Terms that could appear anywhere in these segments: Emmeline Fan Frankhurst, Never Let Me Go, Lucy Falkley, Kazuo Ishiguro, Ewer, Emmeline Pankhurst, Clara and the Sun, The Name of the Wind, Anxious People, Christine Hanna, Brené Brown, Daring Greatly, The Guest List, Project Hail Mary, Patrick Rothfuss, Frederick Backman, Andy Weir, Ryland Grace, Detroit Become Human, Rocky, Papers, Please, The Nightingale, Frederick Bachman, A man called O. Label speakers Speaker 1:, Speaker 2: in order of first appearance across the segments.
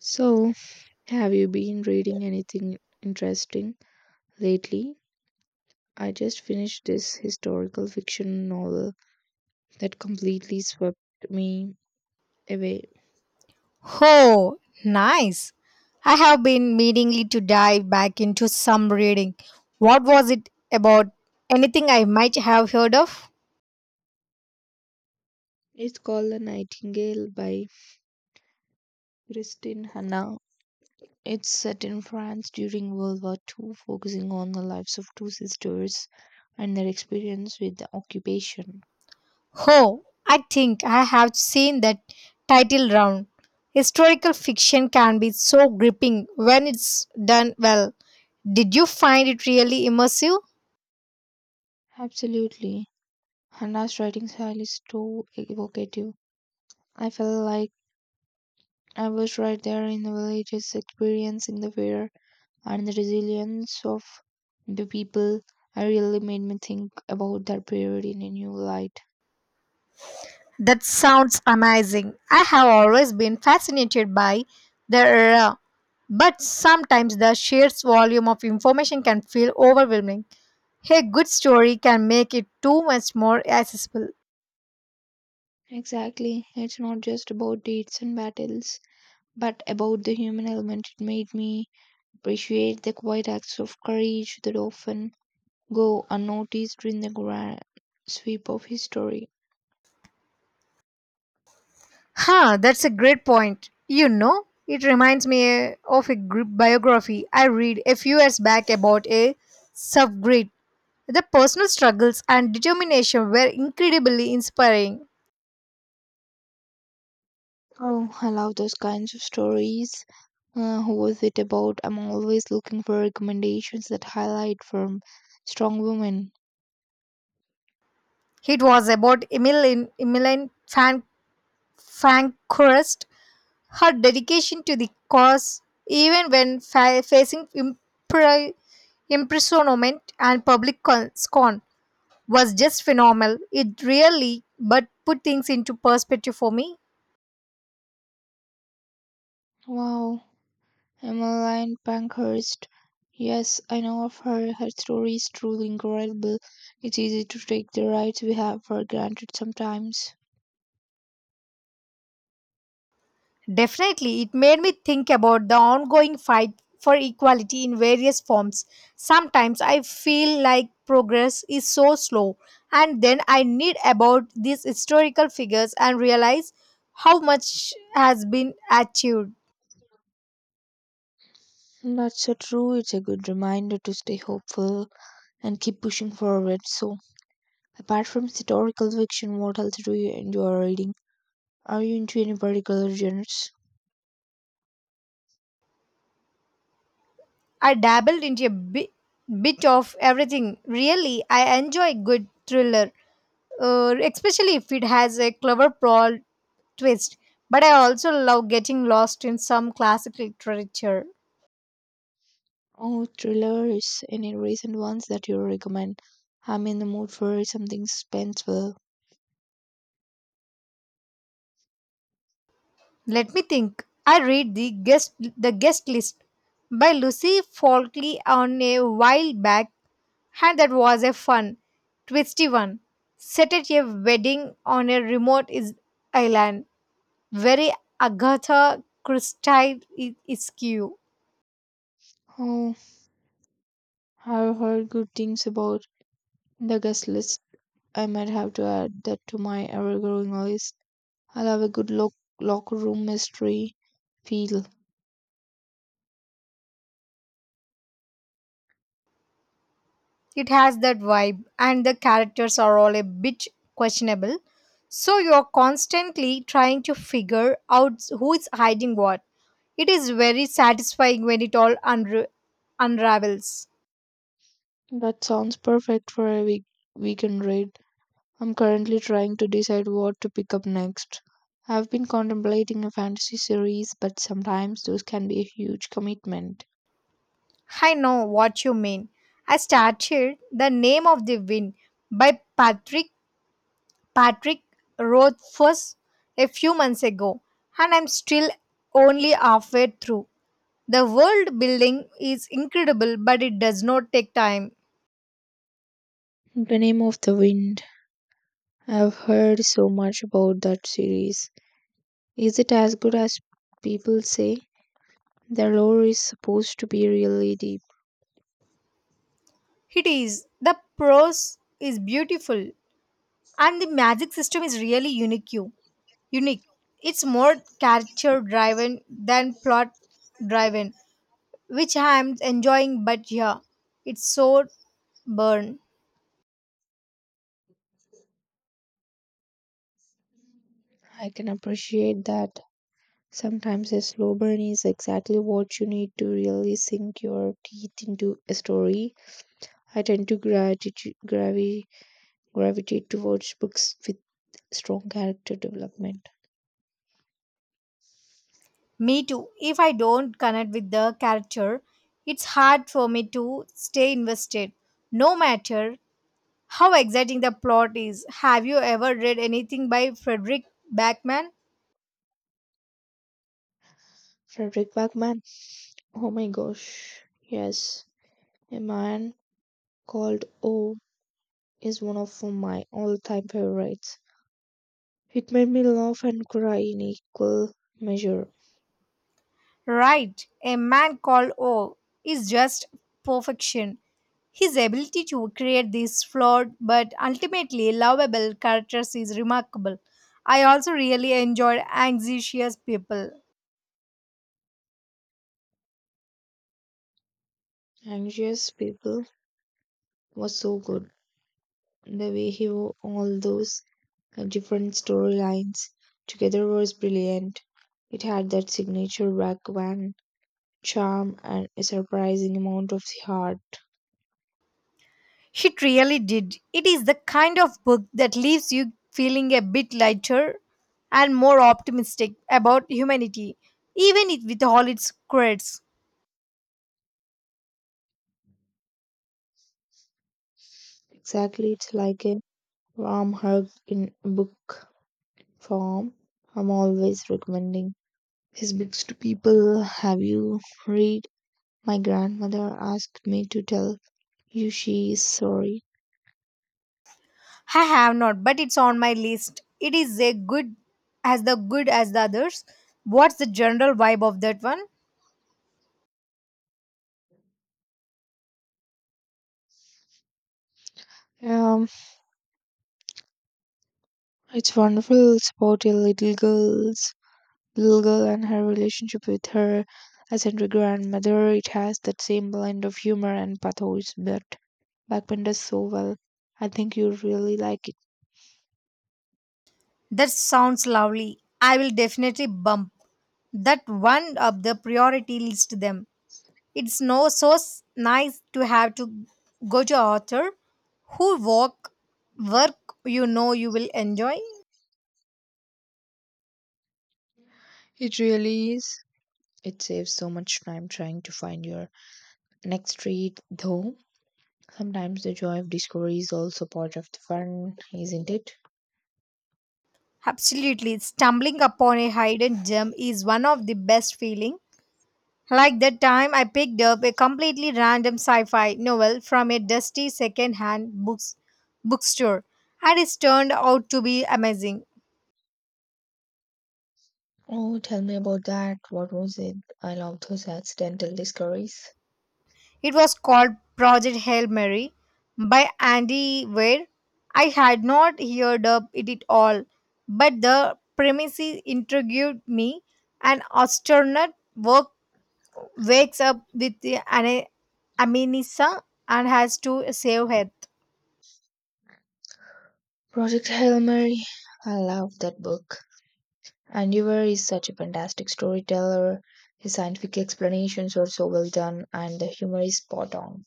Speaker 1: So, have you been reading anything interesting lately? I just finished this historical fiction novel that completely swept me away.
Speaker 2: Oh, nice. I have been meaning to dive back into some reading. What was it about? Anything I might have heard of?
Speaker 1: It's called The Nightingale by Christine Hanna. It's set in France during World War II, focusing on the lives of two sisters and their experience with the occupation.
Speaker 2: Oh, I think I have seen that title round. Historical fiction can be so gripping when it's done well. Did you find it really immersive?
Speaker 1: Absolutely. Hannah's writing style is so evocative. I felt like I was right there in the villages, experiencing the fear and the resilience of the people. I really made me think about that period in a new light.
Speaker 2: That sounds amazing. I have always been fascinated by the era, but sometimes the sheer volume of information can feel overwhelming. A good story can make it too much more accessible.
Speaker 1: Exactly. It's not just about deeds and battles, but about the human element. It made me appreciate the quiet acts of courage that often go unnoticed in the grand sweep of history.
Speaker 2: Huh, that's a great point. You know, it reminds me of a biography I read a few years back about a subgrid. The personal struggles and determination were incredibly inspiring.
Speaker 1: Oh, I love those kinds of stories. Who was it about? I'm always looking for recommendations that highlight from strong women.
Speaker 2: It was about Emmeline Fan Frankhurst, her dedication to the cause even when facing imprisonment and public scorn was just phenomenal. It really but put things into perspective for me.
Speaker 1: Wow, Emmeline Pankhurst. Yes, I know of her. Her story is truly incredible. It's easy to take the rights we have for granted sometimes.
Speaker 2: Definitely, it made me think about the ongoing fight for equality in various forms. Sometimes I feel like progress is so slow, and then I read about these historical figures and realize how much has been achieved.
Speaker 1: That's so true. It's a good reminder to stay hopeful and keep pushing forward. So, apart from historical fiction, what else do you enjoy reading? Are you into any particular genres?
Speaker 2: I dabbled into bit of everything. Really, I enjoy good thriller, especially if it has a clever plot twist. But I also love getting lost in some classic literature.
Speaker 1: Oh, thrillers. Any recent ones that you recommend? I'm in the mood for something suspenseful.
Speaker 2: Let me think. I read the guest list by Lucy Falkley on a while back, and that was a fun, twisty one. Set at a wedding on a remote island. Very Agatha Christie isque.
Speaker 1: Oh, I've heard good things about The Guest List. I might have to add that to my ever-growing list. I love a good locker room mystery feel.
Speaker 2: It has that vibe, and the characters are all a bit questionable. So you're constantly trying to figure out who is hiding what. It is very satisfying when it all unravels.
Speaker 1: That sounds perfect for a weekend read. I'm currently trying to decide what to pick up next. I've been contemplating a fantasy series, but sometimes those can be a huge commitment.
Speaker 2: I know what you mean. I started The Name of the Wind by Patrick Rothfuss a few months ago, and I'm still only halfway through. The world building is incredible, but it does not take time.
Speaker 1: The Name of the Wind. I've heard so much about that series. Is it as good as people say? The lore is supposed to be really deep.
Speaker 2: It is. The prose is beautiful, and the magic system is really unique. It's more character driven than plot driven, which I am enjoying. But yeah, it's so burn.
Speaker 1: I can appreciate that. Sometimes a slow burn is exactly what you need to really sink your teeth into a story. I tend to gravitate towards books with strong character development.
Speaker 2: Me too. If I don't connect with the character, it's hard for me to stay invested. No matter how exciting the plot is. Have you ever read anything by Frederick Backman?
Speaker 1: Frederick Bachman. Oh my gosh. Yes. A man called O is one of my all time favorites. It made me laugh and cry in equal measure.
Speaker 2: Right, a man called O is just perfection. His ability to create these flawed but ultimately lovable characters is remarkable. I also really enjoyed Anxious People.
Speaker 1: Anxious People was so good. The way he wove all those different storylines together was brilliant. It had that signature Bhagwan charm and a surprising amount of heart.
Speaker 2: It really did. It is the kind of book that leaves you feeling a bit lighter and more optimistic about humanity, even it with all its quirks.
Speaker 1: Exactly, it's like a warm hug in book form. I'm always recommending his books to people. Have you read? My grandmother asked me to tell Yushi is sorry.
Speaker 2: I have not, but it's on my list. It is a good as the others. What's the general vibe of that one?
Speaker 1: Um, it's wonderful. It's about a little girl and her relationship with her eccentric grandmother. It has that same blend of humor and pathos, but Backman does so well. I think you really like it.
Speaker 2: That sounds lovely. I will definitely bump that one up the priority list them. It's no so nice to have to go to author who work work, you know you will enjoy.
Speaker 1: It really is. It saves so much time trying to find your next read, though. Sometimes the joy of discovery is also part of the fun, isn't it?
Speaker 2: Absolutely, stumbling upon a hidden gem is one of the best feeling. Like that time I picked up a completely random sci-fi novel from a dusty second-hand bookstore and it turned out to be amazing.
Speaker 1: Oh, tell me about that. What was it? I love those accidental discoveries.
Speaker 2: It was called Project Hail Mary by Andy Weir. I had not heard of it at all, but the premise intrigued me. An work, wakes up with amnesia and has to save Earth.
Speaker 1: Project Hail Mary. I love that book. And Ewer is such a fantastic storyteller. His scientific explanations are so well done, and the humor is spot on.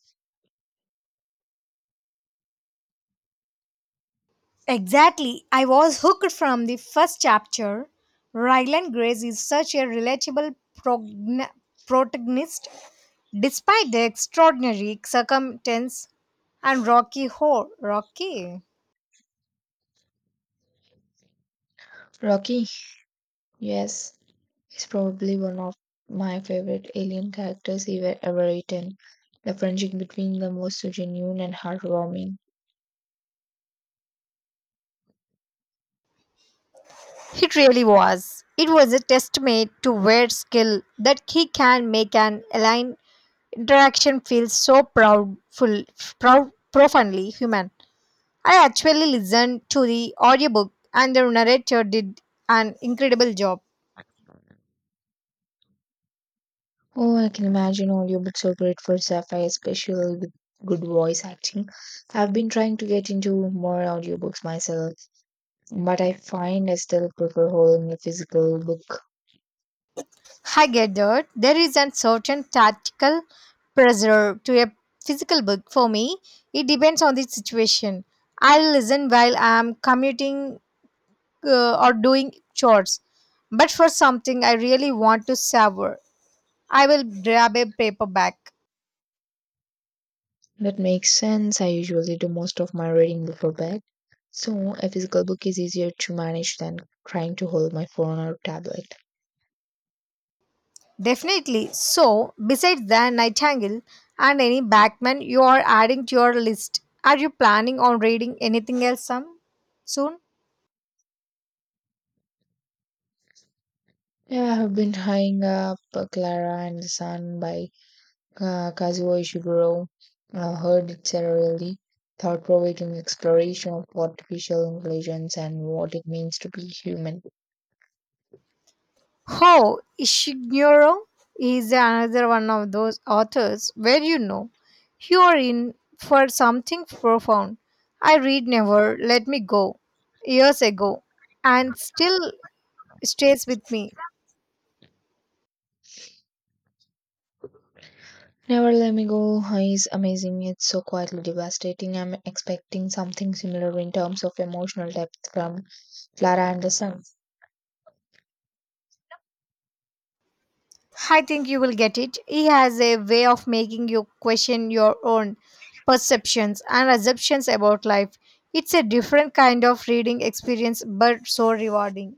Speaker 2: Exactly. I was hooked from the first chapter. Ryland Grace is such a relatable progn- protagonist despite the extraordinary circumstance and Rocky Horror. Rocky.
Speaker 1: Rocky, yes, is probably one of my favorite alien characters ever written. The friendship between them was so genuine and heartwarming.
Speaker 2: It really was. It was a testament to Wade's skill that he can make an aligned interaction feel so profoundly human. I actually listened to the audiobook and the narrator did an incredible job.
Speaker 1: Oh, I can imagine audiobooks are great for sci-fi, especially with good voice acting. I've been trying to get into more audiobooks myself. But I find I still prefer holding a physical book.
Speaker 2: I get that. There is a certain tactical pressure to a physical book. For me, it depends on the situation. I'll listen while I'm commuting or doing chores. But for something I really want to savor, I will grab a paperback.
Speaker 1: That makes sense. I usually do most of my reading before bed. So a physical book is easier to manage than trying to hold my phone or tablet.
Speaker 2: Definitely. So, besides the Nightingale and any Backman you are adding to your list, are you planning on reading anything else some soon?
Speaker 1: Yeah, I have been eyeing up Clara and the Sun by Kazuo Ishiguro. I heard it's a really thought-provoking exploration of artificial intelligence and what it means to be human.
Speaker 2: How Ishiguro is another one of those authors where you know you are in for something profound. I read Never Let Me Go years ago and still stays with me.
Speaker 1: Never Let Me Go is amazing. It's so quietly devastating. I'm expecting something similar in terms of emotional depth from Clara and the Sun.
Speaker 2: I think you will get it. He has a way of making you question your own perceptions and assumptions about life. It's a different kind of reading experience but so rewarding.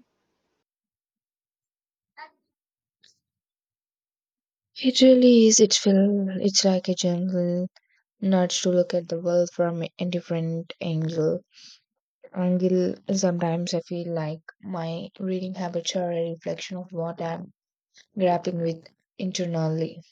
Speaker 1: It really is. It's like a gentle nudge to look at the world from a different angle. Sometimes I feel like my reading habits are a reflection of what I'm grappling with internally.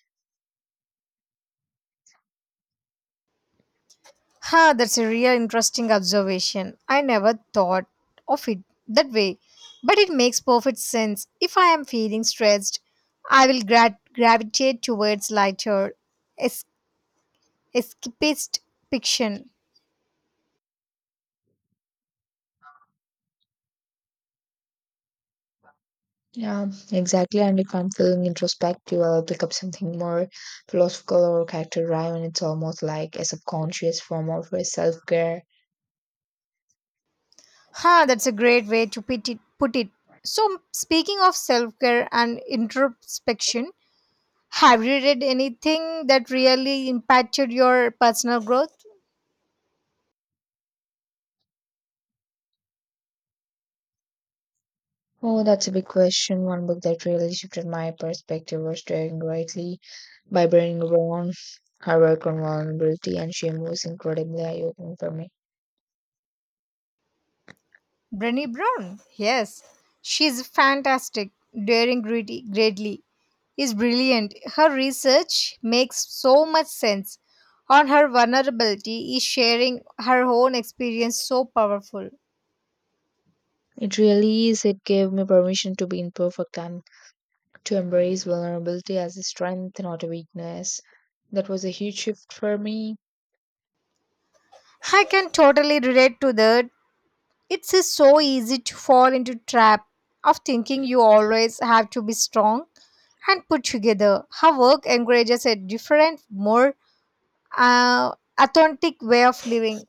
Speaker 2: Ha, that's a real interesting observation. I never thought of it that way. But it makes perfect sense. If I am feeling stressed, I will gravitate towards lighter, es- escapist fiction.
Speaker 1: Yeah, exactly. And if I'm feeling introspective, I'll pick up something more philosophical or character driven. It's almost like a subconscious form of self care.
Speaker 2: Ha, that's a great way to put it. So, speaking of self care and introspection, have you read anything that really impacted your personal growth?
Speaker 1: Oh, that's a big question. One book that really shifted my perspective was Daring Greatly by Brené Brown. Her work on vulnerability and shame was incredibly eye opening for me.
Speaker 2: Brenny Brown? Yes, she's fantastic. Greatly is brilliant. Her research makes so much sense. On her vulnerability is sharing her own experience so powerful.
Speaker 1: It really is. It gave me permission to be imperfect and to embrace vulnerability as a strength, not a weakness. That was a huge shift for me.
Speaker 2: I can totally relate to that. It's so easy to fall into trap of thinking you always have to be strong and put together. Her work encourages a different, more uh, authentic way of living.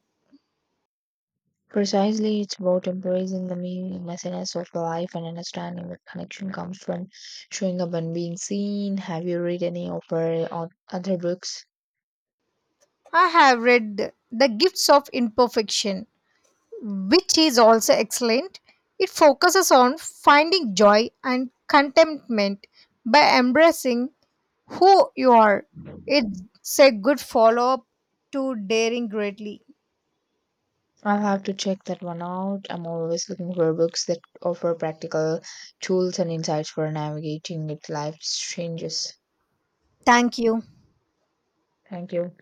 Speaker 1: Precisely, it's about embracing the meaninglessness of life and understanding that connection comes from showing up and being seen. Have you read any of her other books?
Speaker 2: I have read The Gifts of Imperfection, which is also excellent. It focuses on finding joy and contentment by embracing who you are. It's a good follow up to Daring Greatly.
Speaker 1: I'll have to check that one out. I'm always looking for books that offer practical tools and insights for navigating with life's changes.
Speaker 2: Thank you.
Speaker 1: Thank you.